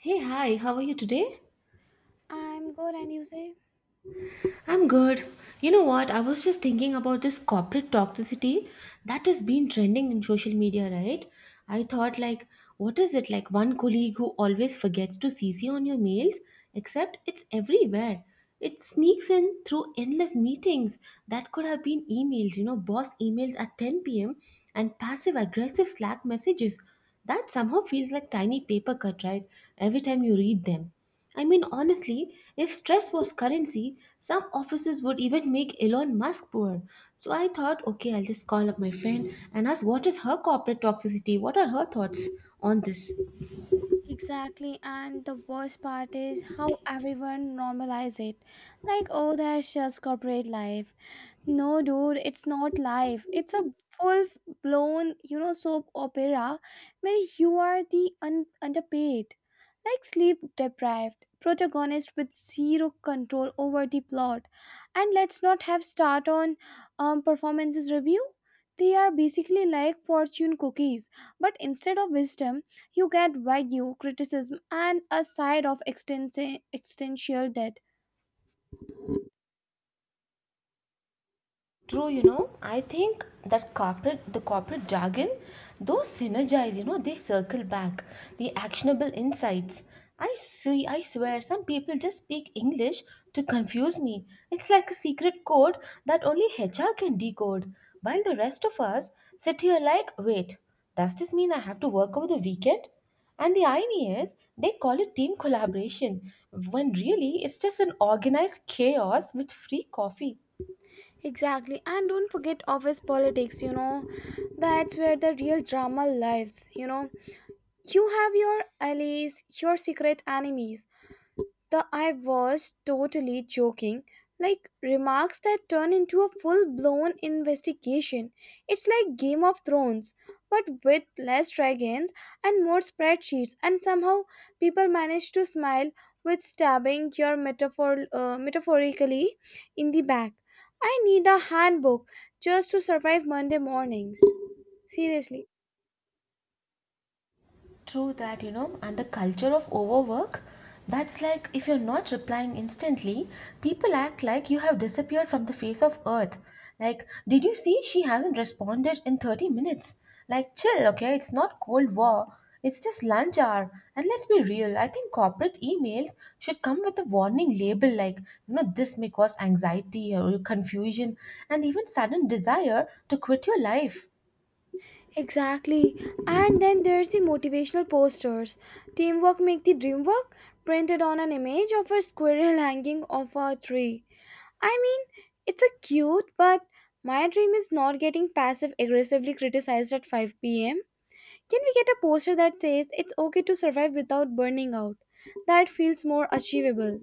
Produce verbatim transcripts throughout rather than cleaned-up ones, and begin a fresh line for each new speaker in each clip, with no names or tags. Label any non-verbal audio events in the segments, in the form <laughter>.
Hey, hi, how are you today?
I'm good, and you say?
I'm good. You know what? I was just thinking about this corporate toxicity that has been trending in social media, right? I thought, like, what is it like one colleague who always forgets to C C on your mails? Except it's everywhere. It sneaks in through endless meetings that could have been emails, you know, boss emails at ten p m and passive aggressive Slack messages. That somehow feels like tiny paper cut, right? Every time you read them. I mean, honestly, if stress was currency, some offices would even make Elon Musk poor. So I thought, okay, I'll just call up my friend and ask what is her corporate toxicity? What are her thoughts on this?
Exactly, and the worst part is how everyone normalize it. Like, oh, that's just corporate life. No, dude, it's not life. It's a full blown, you know, soap opera where you are the un- underpaid, like sleep deprived protagonist with zero control over the plot. And let's not have start on um, performances review. They are basically like fortune cookies, but instead of wisdom, you get wagyu criticism and a side of extensi- existential debt.
True, you know, I think that corporate the corporate jargon, those synergize, you know, they circle back. The actionable insights. I see I swear some people just speak English to confuse me. It's like a secret code that only H R can decode. While the rest of us sit here like, wait, does this mean I have to work over the weekend? And the irony is, they call it team collaboration, when really it's just an organized chaos with free coffee.
Exactly. And don't forget office politics, you know. That's where the real drama lives, you know. You have your allies, your secret enemies, the I was totally joking, like remarks that turn into a full blown investigation. It's like Game of Thrones, but with less dragons and more spreadsheets, and somehow people manage to smile with stabbing your metaphor uh, metaphorically in the back. I need a handbook just to survive Monday mornings. Seriously.
True that, you know, and the culture of overwork, that's like if you're not replying instantly, people act like you have disappeared from the face of earth. Like, did you see she hasn't responded in thirty minutes? Like, chill, okay? It's not Cold War, it's just lunch hour. And let's be real, I think corporate emails should come with a warning label like, you know, this may cause anxiety or confusion and even sudden desire to quit your life.
Exactly. And then there's the motivational posters. Teamwork make the dream work printed on an image of a squirrel <laughs> hanging off a tree. I mean, it's a cute, but my dream is not getting passive aggressively criticized at five p m. Can we get a poster that says it's okay to survive without burning out? That feels more achievable.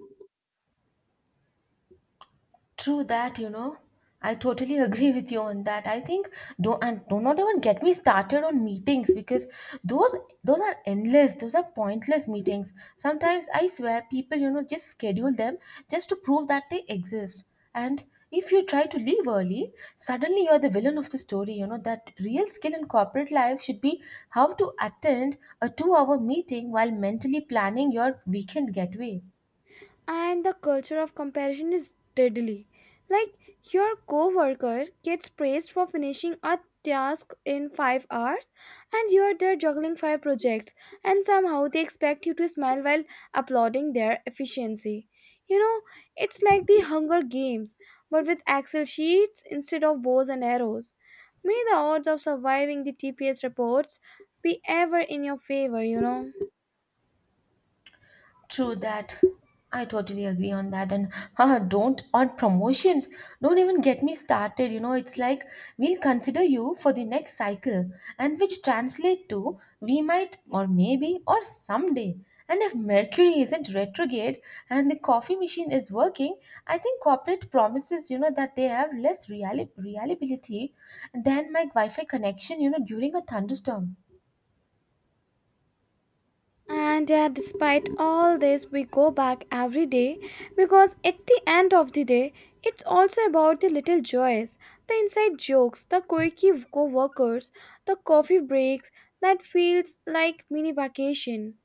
True that, you know. I totally <laughs> agree with you on that. I think do and do not even get me started on meetings because those those are endless. Those are pointless meetings. Sometimes I swear people, you know, just schedule them just to prove that they exist. And if you try to leave early, suddenly you're the villain of the story. You know that real skill in corporate life should be how to attend a two-hour meeting while mentally planning your weekend getaway.
And the culture of comparison is deadly. Like your coworker gets praised for finishing a task in five hours and you are there juggling five projects and somehow they expect you to smile while applauding their efficiency. You know, it's like the Hunger Games but with Excel sheets instead of bows and arrows. May the odds of surviving the T P S reports be ever in your favor, you know.
True that. I totally agree on that. And haha, don't on promotions. Don't even get me started. You know, it's like we'll consider you for the next cycle, and which translate to we might or maybe or someday. And if Mercury isn't retrograde and the coffee machine is working, I think corporate promises, you know, that they have less reali- reliability than my Wi-Fi connection, you know, during a thunderstorm.
And yeah, despite all this, we go back every day because at the end of the day, it's also about the little joys, the inside jokes, the quirky co workers, the coffee breaks that feels like mini vacation.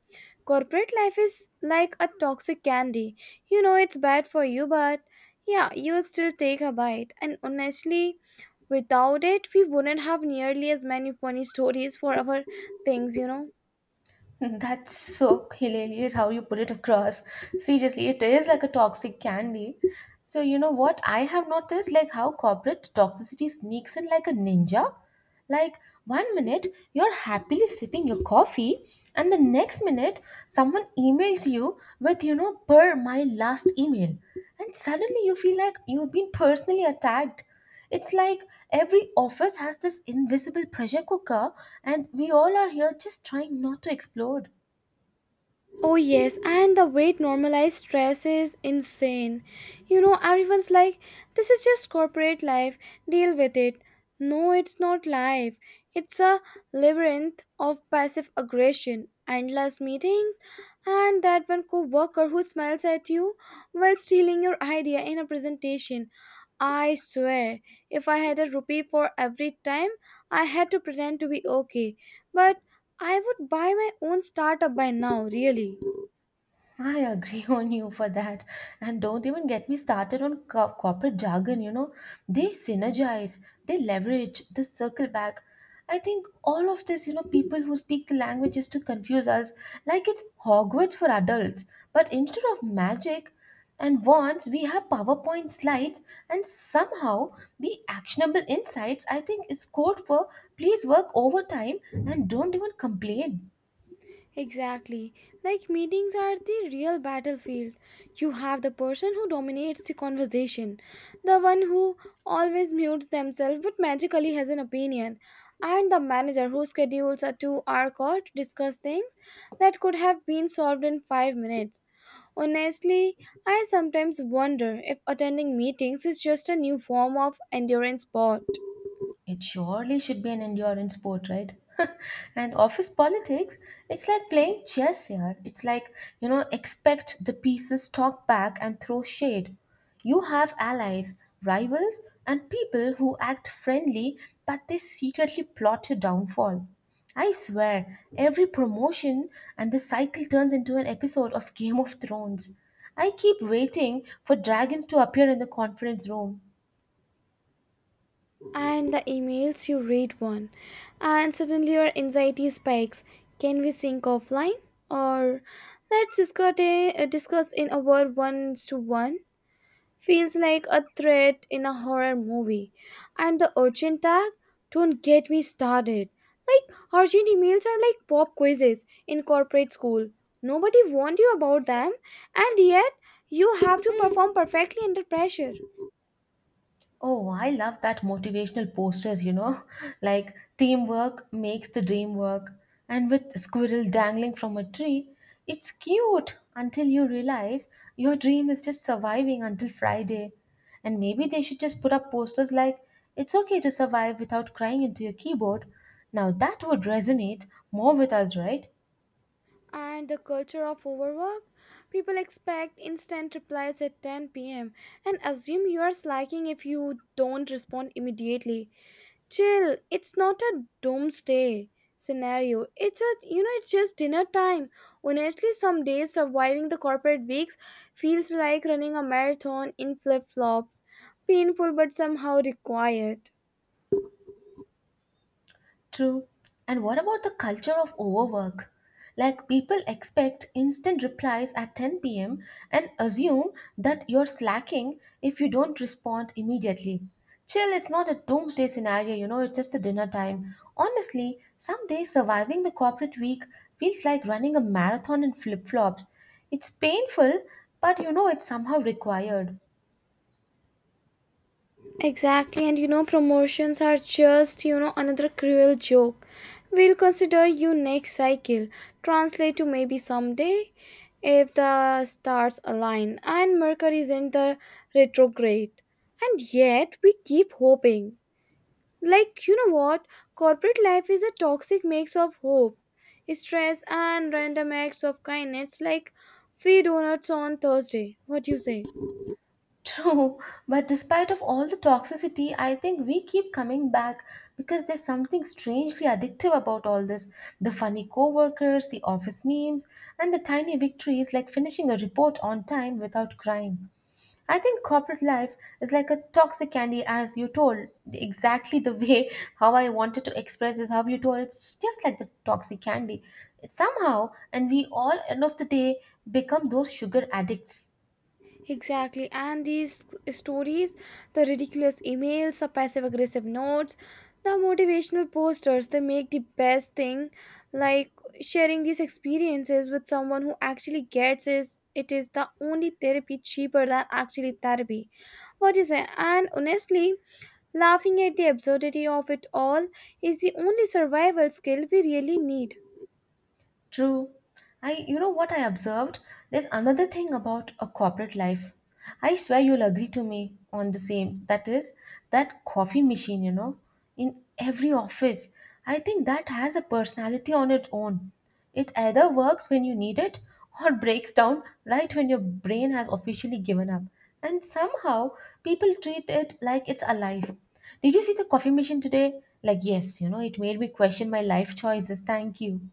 Corporate life is like a toxic candy. You know it's bad for you, but yeah, you still take a bite. And honestly, without it, we wouldn't have nearly as many funny stories for our things, you know.
That's so hilarious how you put it across. Seriously, it is like a toxic candy. So, you know what? I have noticed like how corporate toxicity sneaks in like a ninja. Like, one minute you're happily sipping your coffee, and the next minute someone emails you with, you know, per my last email. And suddenly you feel like you've been personally attacked. It's like every office has this invisible pressure cooker, and we all are here just trying not to explode.
Oh, yes, and the weight normalized stress is insane. You know, everyone's like, this is just corporate life, deal with it. No, it's not life. It's a labyrinth of passive aggression, endless meetings, and that one co worker who smiles at you while stealing your idea in a presentation. I swear, if I had a rupee for every time I had to pretend to be okay, but I would buy my own startup by now, really.
I agree <laughs> on you for that. And don't even get me started on co- corporate jargon, you know. They synergize, they leverage, they circle back. I think all of this, you know, people who speak the language is to confuse us like it's Hogwarts for adults. But instead of magic and wands, we have PowerPoint slides and somehow the actionable insights, I think, is code for please work overtime and don't even complain.
Exactly. Like meetings are the real battlefield. You have the person who dominates the conversation, the one who always mutes themselves but magically has an opinion, and the manager who schedules a two hour call to discuss things that could have been solved in five minutes. Honestly, I sometimes wonder if attending meetings is just a new form of endurance sport.
It surely should be an endurance sport, right? <laughs> And office politics, it's like playing chess here. It's like, you know, expect the pieces, talk back, and throw shade. You have allies, rivals, and people who act friendly but they secretly plot your downfall. I swear, every promotion and the cycle turns into an episode of Game of Thrones. I keep waiting for dragons to appear in the conference room.
And the emails you read one and suddenly your anxiety spikes, can we sync offline or let's discuss, a, uh, discuss in a word ones to one, feels like a threat in a horror movie. And the urgent tag, don't get me started. Like urgent emails are like pop quizzes in corporate school, nobody warned you about them, and yet you have to perform perfectly under pressure.
Oh, I love that motivational posters, you know, <laughs> like teamwork makes the dream work. And with a squirrel dangling from a tree, it's cute until you realize your dream is just surviving until Friday. And maybe they should just put up posters like, it's okay to survive without crying into your keyboard. Now that would resonate more with us, right?
And the culture of overwork. People expect instant replies at ten p m and assume you are slacking if you don't respond immediately. Chill, it's not a doomsday scenario, it's a, you know, it's just dinner time. Honestly, some days surviving the corporate weeks feels like running a marathon in flip-flops, painful but somehow required.
True. And what about the culture of overwork? Like, people expect instant replies at ten p m and assume that you're slacking if you don't respond immediately. Chill, it's not a doomsday scenario, you know, it's just a dinner time. Honestly, some days surviving the corporate week feels like running a marathon in flip flops. It's painful, but you know, it's somehow required.
Exactly, and you know, promotions are just, you know, another cruel joke. We'll consider you next cycle, translate to maybe someday if the stars align and Mercury is in the retrograde. And yet, we keep hoping. Like, you know what? Corporate life is a toxic mix of hope, stress, and random acts of kindness, like free donuts on Thursday. What do you say?
True, but despite of all the toxicity, I think we keep coming back because there's something strangely addictive about all this. The funny coworkers, the office memes, and the tiny victories like finishing a report on time without crying. I think corporate life is like a toxic candy, as you told exactly the <laughs> way how I wanted to express is how you told it's just like the toxic candy. Somehow, and we all end of the day become those sugar addicts.
Exactly, and these stories, the ridiculous emails, the passive aggressive notes, the motivational posters, they make the best thing, like sharing these experiences with someone who actually gets is it is the only therapy cheaper than actually therapy. What do you say? And honestly, laughing at the absurdity of it all is the only survival skill we really need.
True. I You know what I observed? There's another thing about a corporate life. I swear you'll agree to me on the same. That is that coffee machine, you know, in every office. I think that has a personality on its own. It either works when you need it or breaks down right when your brain has officially given up. And somehow people treat it like it's alive. Did you see the coffee machine today? Like yes, you know, it made me question my life choices. Thank you.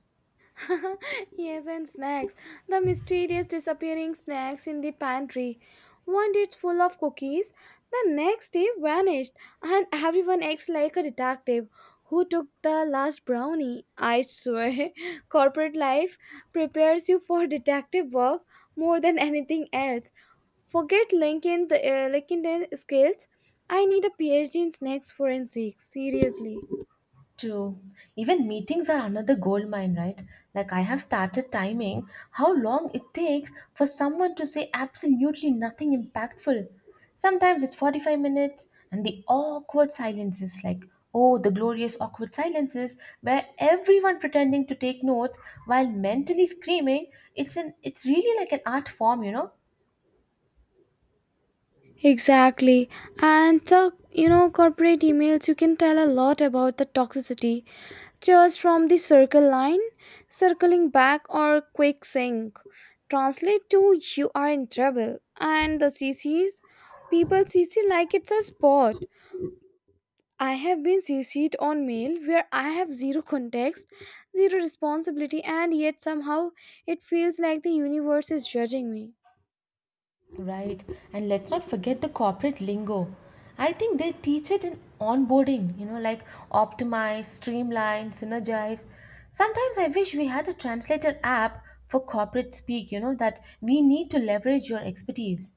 <laughs> Yes, and snacks. The mysterious disappearing snacks in the pantry. One day it's full of cookies, the next day vanished, and everyone acts like a detective who took the last brownie. I swear, <laughs> corporate life prepares you for detective work more than anything else. Forget Lincoln, the uh, Lincoln skills. I need a PhD in snacks forensics. Seriously.
True. Even meetings are another gold mine, right? Like I have started timing how long it takes for someone to say absolutely nothing impactful. Sometimes it's forty-five minutes. And the awkward silences, like oh, the glorious awkward silences where everyone pretending to take notes while mentally screaming, it's an it's really like an art form, you know.
Exactly. And the, you know, corporate emails, you can tell a lot about the toxicity just from the circle line, circling back or quick sync. Translate to you are in trouble, and the C Cs, people C C like it's a sport. I have been C C'd on mail where I have zero context, zero responsibility, and yet somehow it feels like the universe is judging me.
Right. And let's not forget the corporate lingo. I think they teach it in onboarding, you know, like optimize, streamline, synergize. Sometimes I wish we had a translator app for corporate speak, you know, that we need to leverage your expertise.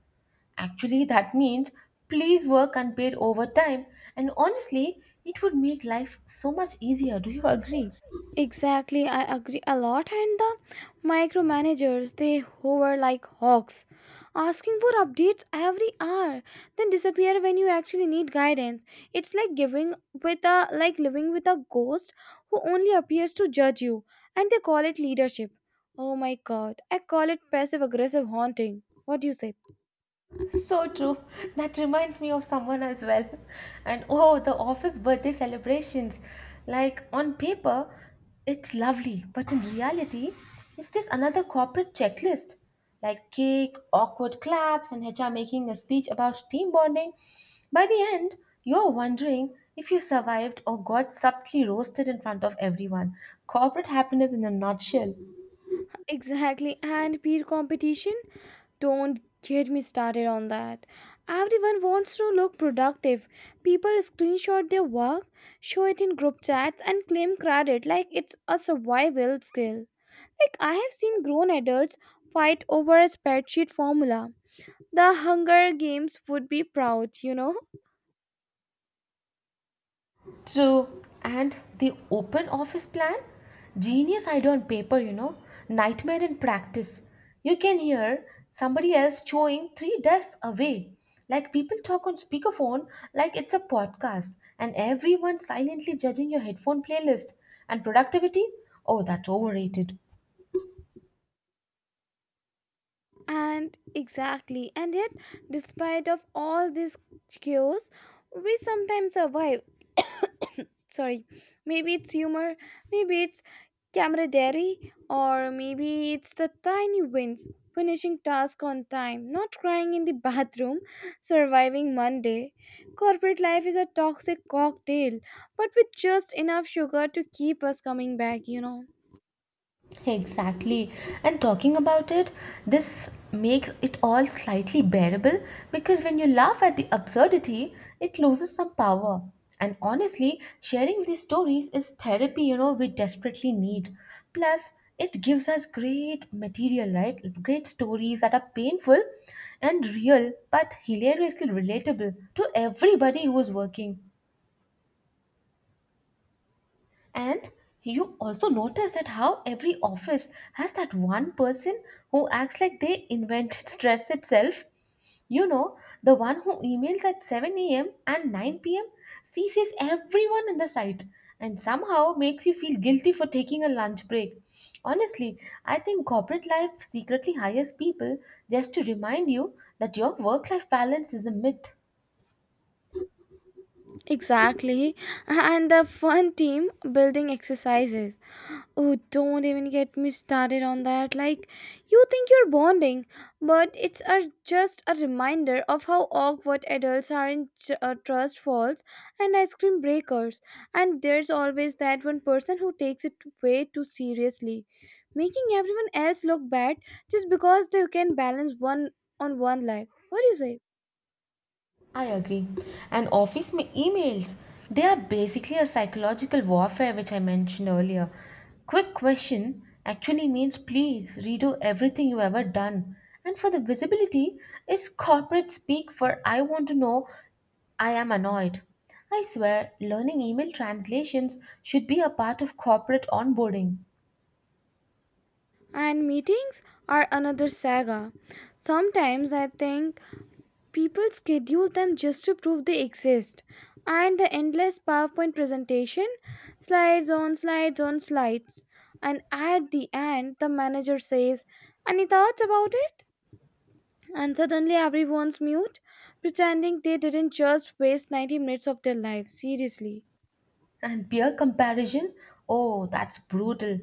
Actually, that means please work unpaid overtime. And honestly, it would make life so much easier. Do you <laughs> agree?
Exactly, I agree a lot. And the micromanagers, they hover like hawks, asking for updates every hour, then disappear when you actually need guidance. It's like giving with a like living with a ghost who only appears to judge you, and they call it leadership. Oh my god, I call it passive aggressive haunting. What do you say?
<laughs> So true. That reminds me of someone as well. And oh, the office birthday celebrations. Like on paper, it's lovely, but in reality, it's just another corporate checklist. Like cake, awkward claps, and H R making a speech about team bonding. By the end, you're wondering if you survived or got subtly roasted in front of everyone. Corporate happiness in a nutshell.
Exactly, and peer competition. Don't get me started on that. Everyone wants to look productive. People screenshot their work, show it in group chats, and claim credit like it's a survival skill. Like, I have seen grown adults fight over a spreadsheet formula. The Hunger Games would be proud, you know?
True. And the open office plan? Genius idea on paper, you know. Nightmare in practice. You can hear somebody else chewing three desks away. Like people talk on speakerphone like it's a podcast, and everyone silently judging your headphone playlist. And productivity? Oh, that's overrated.
And exactly. And yet, despite of all this chaos, we sometimes survive. Sorry, maybe it's humor, maybe it's camaraderie, or maybe it's the tiny wins, finishing task on time, not crying in the bathroom, <laughs> surviving Monday. Corporate life is a toxic cocktail but with just enough sugar to keep us coming back, you know.
Exactly. And talking about it, this makes it all slightly bearable because when you laugh at the absurdity, it loses some power. And honestly, sharing these stories is therapy, you know, we desperately need. Plus, it gives us great material, right? Great stories that are painful and real, but hilariously relatable to everybody who is working. And you also notice that how every office has that one person who acts like they invented <laughs> stress itself. You know, the one who emails at seven a m and nine p m seizes everyone in the site and somehow makes you feel guilty for taking a lunch break. Honestly, I think corporate life secretly hires people just to remind you that your work life balance is a myth.
Exactly. <laughs> And the fun team building exercises, oh, don't even get me started on that. Like, you think you're bonding, but it's a, just a reminder of how awkward adults are in tr- uh, trust falls and ice cream breakers. And there's always that one person who takes it way too seriously, making everyone else look bad just because they can balance one on one leg. What do you say?
I agree. And office ma- emails, they are basically a psychological warfare, which I mentioned earlier. Quick question actually means please redo everything you ever done. And for the visibility, is corporate speak for I want to know I am annoyed. I swear, learning email translations should be a part of corporate onboarding.
And meetings are another saga. Sometimes I think people schedule them just to prove they exist. And the endless PowerPoint presentation, slides on slides on slides. And at the end, the manager says, any thoughts about it? And suddenly everyone's mute, pretending they didn't just waste ninety minutes of their life. Seriously.
And peer comparison? Oh, that's brutal.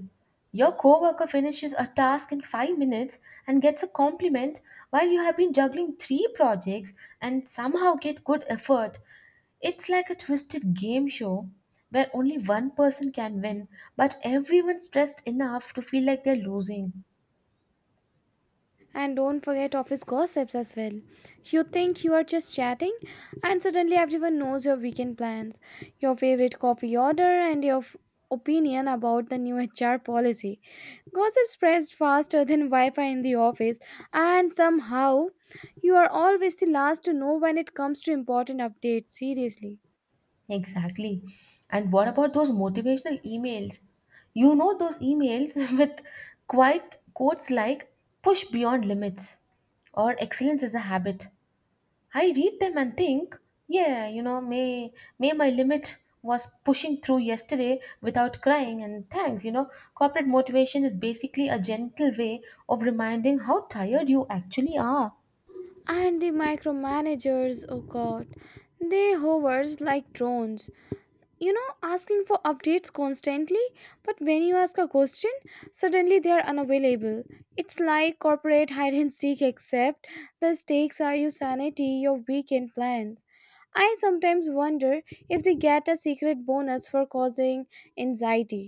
Your coworker finishes a task in five minutes and gets a compliment while you have been juggling three projects and somehow get good effort. It's like a twisted game show where only one person can win, but everyone's stressed enough to feel like they're losing.
And don't forget office gossips as well. You think you are just chatting, and suddenly everyone knows your weekend plans, your favorite coffee order, and your f- opinion about the new <laughs> H R policy. Gossip spreads faster than Wi Fi in the office, and somehow you are always the last to know when it comes to important updates, seriously.
Exactly. And what about those motivational emails? You know, those emails <laughs> with quite quotes like push beyond limits or excellence is a habit. I read them and think, yeah, you know, may, may my limit was pushing through yesterday without crying and thanks. You know, corporate motivation is basically a gentle way of reminding how tired you actually are.
And the micromanagers, oh god, they hovers like drones. You know, asking for updates constantly, but when you ask a question, suddenly they are unavailable. It's like corporate hide and seek, except the stakes are your sanity, your weekend plans. I sometimes wonder if they get a secret bonus for causing anxiety.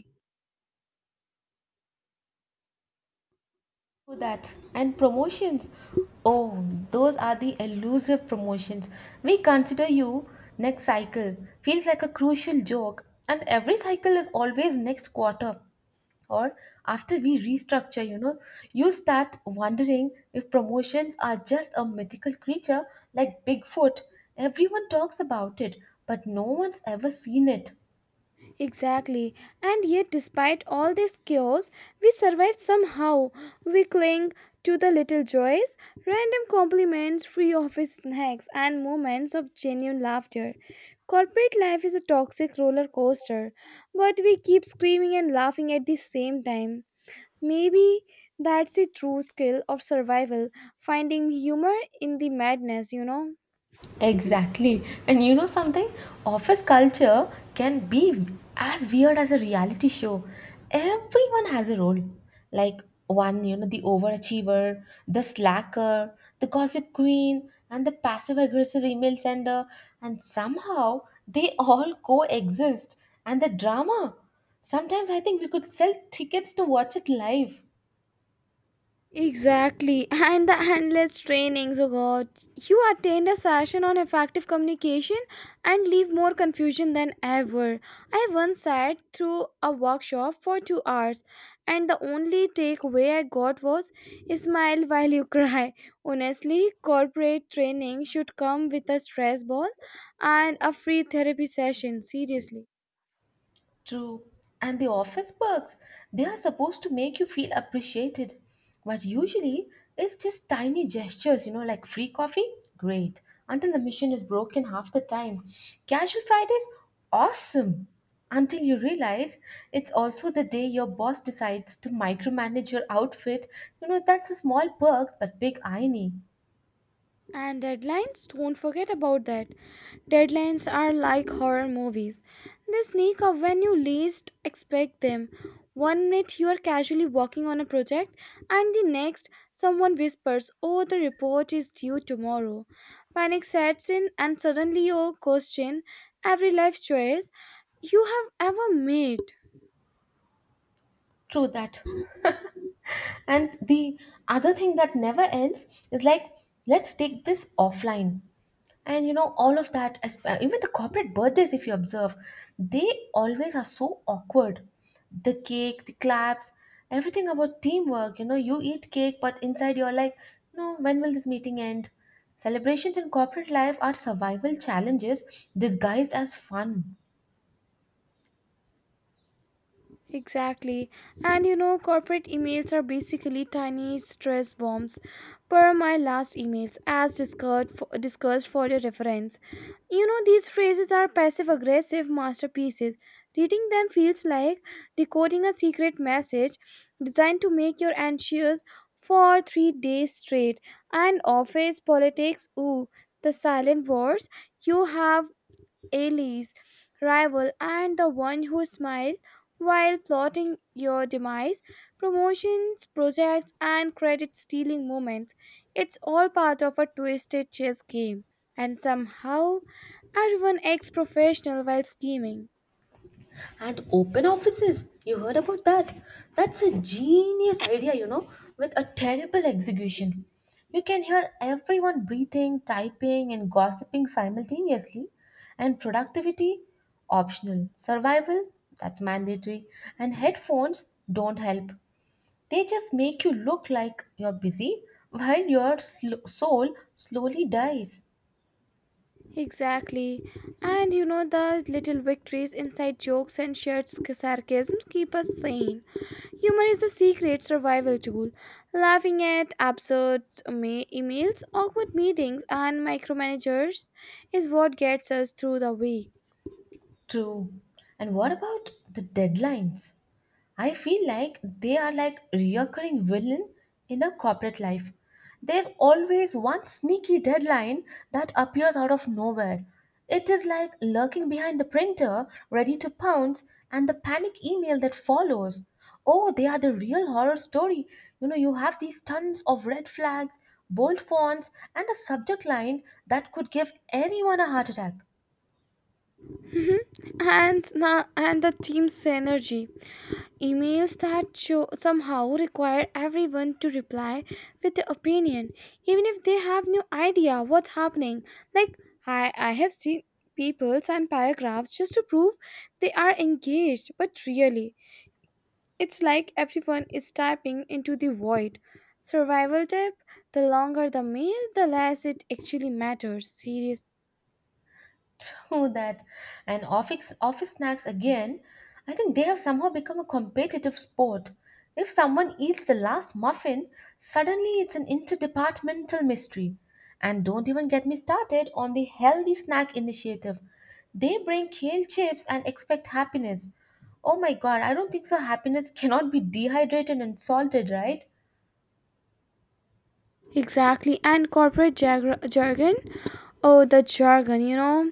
Oh, that and promotions. Oh, those are the elusive promotions. We consider you next cycle. Feels like a crucial joke, and every cycle is always next quarter. Or after we restructure, you know, you start wondering if promotions are just a mythical creature like Bigfoot. Everyone talks about it, but no one's ever seen it.
Exactly. And yet, despite all this chaos, we survived somehow. We cling to the little joys, random compliments, free office snacks, and moments of genuine laughter. Corporate life is a toxic roller coaster, but we keep screaming and laughing at the same time. Maybe that's the true skill of survival, finding humor in the madness, you know?
Exactly. And you know something? Office culture can be as weird as a reality show. Everyone has a role. Like one, you know, the overachiever, the slacker, the gossip queen, and the passive aggressive email sender. And somehow they all coexist. And the drama. Sometimes I think we could sell tickets to watch it live.
Exactly. <laughs> And the endless trainings, oh god. You attend a session on effective communication and leave more confusion than ever. I once sat through a workshop for two hours and the only takeaway I got was smile while you cry. <laughs> Honestly, corporate training should come with a stress ball and a free therapy session, seriously.
True. And the office perks, they are supposed to make you feel appreciated. But usually, it's just tiny gestures, you know, like free coffee, great. Until the mission is broken half the time. Casual Fridays, awesome. Until you realize it's also the day your boss decides to micromanage your outfit. You know, that's a small perks but big irony.
And deadlines, don't forget about that. Deadlines are like horror movies. They sneak up when you least expect them. One minute you are casually working on a project, and the next, someone whispers, oh, the report is due tomorrow. Panic sets in, and suddenly you question every life choice you have ever made.
True that. And the other thing that never ends is like, let's take this offline. And you know, all of that, as- uh, even the corporate birthdays, if you observe, they always are so awkward. The cake, the claps, everything about teamwork. You know, you eat cake, but inside you're like, no, when will this meeting end? Celebrations in corporate life are survival challenges disguised as fun.
Exactly. And you know, corporate emails are basically tiny stress bombs. Per my last emails, as discussed for, discussed for your reference. You know, these phrases are passive aggressive masterpieces. Reading them feels like decoding a secret message designed to make you anxious for three days straight. And office politics, ooh, the silent wars. You have allies, rival, and the one who smiled while plotting your demise, promotions, projects, and credit stealing moments. It's all part of a twisted chess game. And somehow, everyone acts professional while scheming.
And open offices. You heard about that? That's a genius idea, you know, with a terrible execution. You can hear everyone breathing, typing, and gossiping simultaneously. And productivity, optional. Survival, that's mandatory. And headphones don't help. They just make you look like you're busy while your sl- soul slowly dies.
Exactly. And you know, the little victories, inside jokes, and shared sarcasms keep us sane. Humor is the secret survival tool. Laughing at absurd ma- emails, awkward meetings, and micromanagers is what gets us through the week.
True. And what about the deadlines? I feel like they are like reoccurring villain in a corporate life. There's always one sneaky deadline that appears out of nowhere. It is like lurking behind the printer, ready to pounce, and the panic email that follows. Oh, they are the real horror story. You know, you have these tons of red flags, bold fonts, and a subject line that could give anyone a heart attack.
Mhm. and, na- and the team's synergy. Emails that show somehow require everyone to reply with their opinion, even if they have no idea what's happening. Like, I, I have seen people sign paragraphs just to prove they are engaged, but really, it's like everyone is typing into the void. Survival tip, the longer the mail, the less it actually matters. Serious.
<laughs> True that. And office office snacks again, I think they have somehow become a competitive sport. If someone eats the last muffin, suddenly it's an interdepartmental mystery. And don't even get me started on the healthy snack initiative. They bring kale chips and expect happiness. Oh my god, I don't think so happiness <laughs> cannot be dehydrated and salted, right?
Exactly, and corporate jarg- jargon. Oh, the jargon, you know,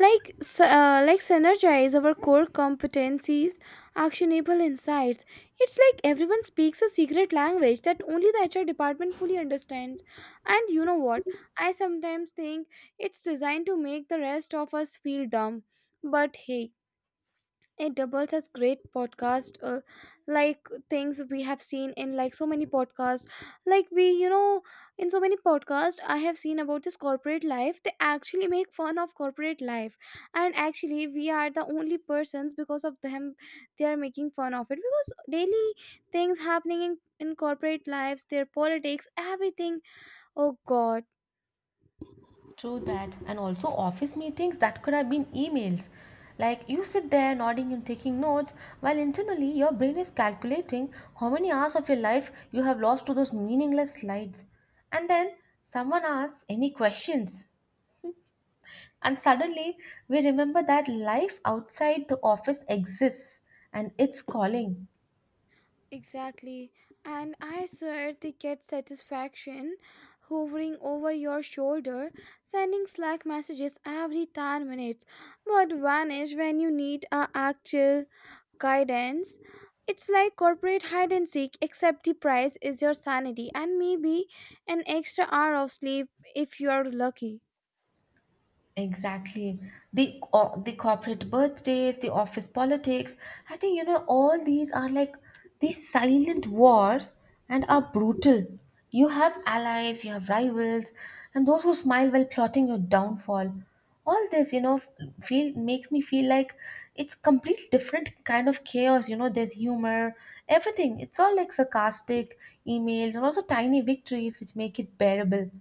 like s- uh, like synergize our core competencies, actionable insights. It's like everyone speaks a secret language that only the H R department fully understands. And you know what? I sometimes think it's designed to make the rest of us feel dumb. But hey, it doubles as great podcast uh, like things we have seen in like so many podcasts like we you know in so many podcasts I have seen about this corporate life. They actually make fun of corporate life, and actually we are the only persons because of them. They are making fun of it because daily things happening in in corporate lives, their politics, everything. Oh God.
True that. And also office meetings that could have been emails. Like you sit there nodding and taking notes while internally your brain is calculating how many hours of your life you have lost to those meaningless slides. And then someone asks any questions. And suddenly we remember that life outside the office exists and it's calling.
Exactly. And I swear they get satisfaction hovering over your shoulder, sending Slack messages every ten minutes, but vanish when you need a actual guidance. It's like corporate hide and seek, except the price is your sanity and maybe an extra hour of sleep if you are lucky.
Exactly. The co- the corporate birthdays, the office politics. I think you know all these are like these silent wars and are brutal. You have allies, you have rivals, and those who smile while plotting your downfall. All this, you know, feel makes me feel like it's complete different kind of chaos. You know, there's humor, everything. It's all like sarcastic emails and also tiny victories which make it bearable.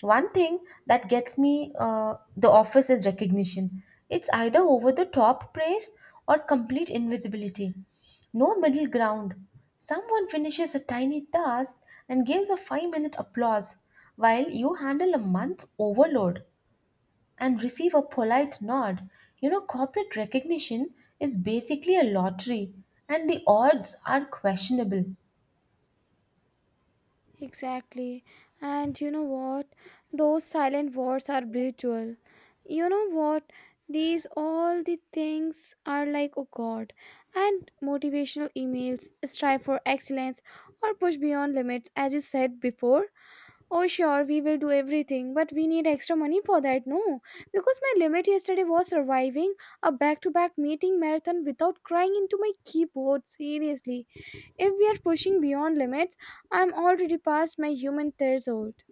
One thing that gets me uh, the office is recognition. It's either over the top praise or complete invisibility. No middle ground. Someone finishes a tiny task and gives a five minute applause, while you handle a month's overload and receive a polite nod. You know, corporate recognition is basically a lottery, and the odds are questionable.
Exactly. And you know what? Those silent wars are brutal. You know what? These all the things are like, oh God. And motivational emails, strive for excellence, or push beyond limits, as you said before. Oh, sure, we will do everything, but we need extra money for that. No, because my limit yesterday was surviving a back to back meeting marathon without crying into my keyboard. Seriously, if we are pushing beyond limits, I'm already past my human threshold.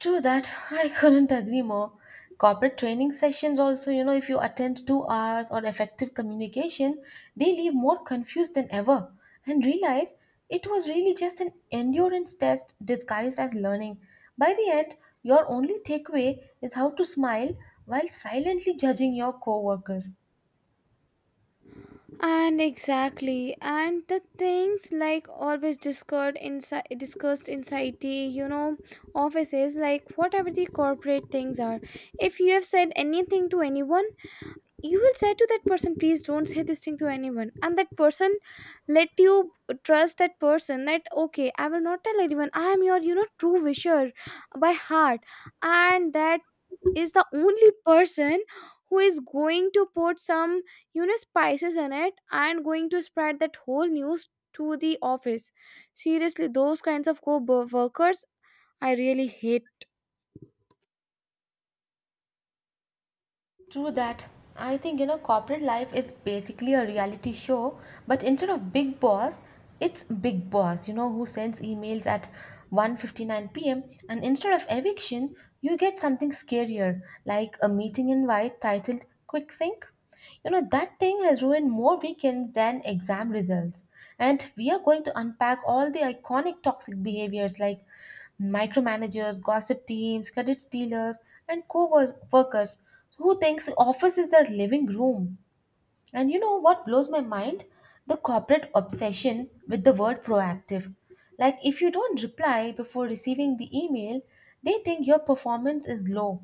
True that. I couldn't agree more. Corporate training sessions also, you know, if you attend two hours or effective communication, they leave more confused than ever and realize it was really just an endurance test disguised as learning. By the end, your only takeaway is how to smile while silently judging your coworkers.
And exactly, and the things like always discussed inside, discussed inside the, you know, offices, like whatever the corporate things are. If you have said anything to anyone, you will say to that person, please don't say this thing to anyone. And that person let you trust that person that okay, I will not tell anyone. I am your, you know, true wisher by heart, and that is the only person who is going to put some, you know, spices in it and going to spread that whole news to the office. Seriously, those kinds of co-workers I really hate.
True that. I think you know corporate life is basically a reality show, but instead of Big Boss, it's Big Boss, you know, who sends emails at one fifty p m and instead of eviction, you get something scarier like a meeting invite titled Quick Sync. You know, that thing has ruined more weekends than exam results. And we are going to unpack all the iconic toxic behaviors like micromanagers, gossip teams, credit stealers, and co workers who thinks office is their living room? And you know what blows my mind? The corporate obsession with the word proactive. Like, if you don't reply before receiving the email, they think your performance is low.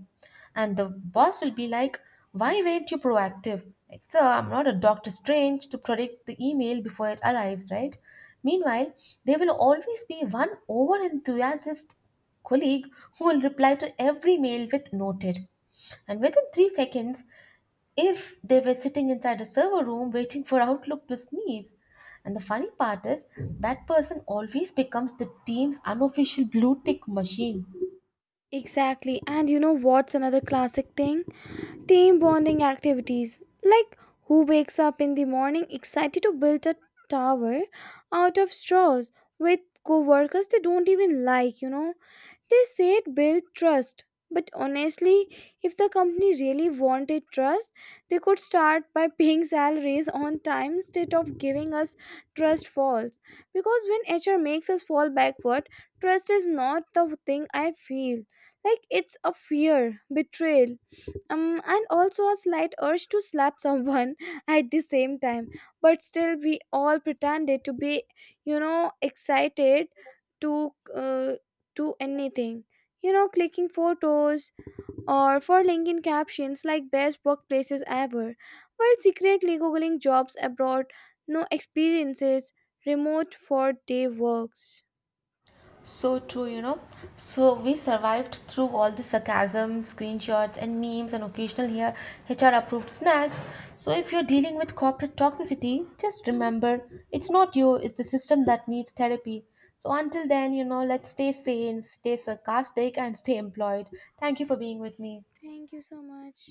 And the boss will be like, why weren't you proactive? Like, sir, I'm not a Doctor Strange to predict the email before it arrives, right? Meanwhile, there will always be one over enthusiastic colleague who will reply to every mail with noted. And within three seconds, if they were sitting inside a server room waiting for <laughs> Outlook to sneeze. And the funny part is, that person always becomes the team's unofficial blue tick machine.
Exactly, and you know what's another classic thing, team bonding activities, like who wakes up in the morning excited to build a tower out of straws with co-workers they don't even like, you know. They said build trust, but honestly, if the company really wanted trust, they could start by <laughs> paying salaries on time instead of giving us trust falls. Because when H R makes us fall backward, trust is not the thing I feel. Like it's a fear, betrayal, um, and also a slight urge to slap someone <laughs> at the same time. But still, we all pretended to be, you know, excited to uh, to anything. You know, clicking photos or for LinkedIn captions like best workplaces ever, while secretly googling jobs abroad, no experiences, remote for day works.
So true, you know. So we survived through all the sarcasm, screenshots, and memes, and occasional here H R approved snacks. So if you're dealing with corporate toxicity, just remember it's not you, it's the system that needs therapy. So until then, you know, let's stay sane, stay sarcastic, and stay employed. Thank you for being with me.
Thank you so much.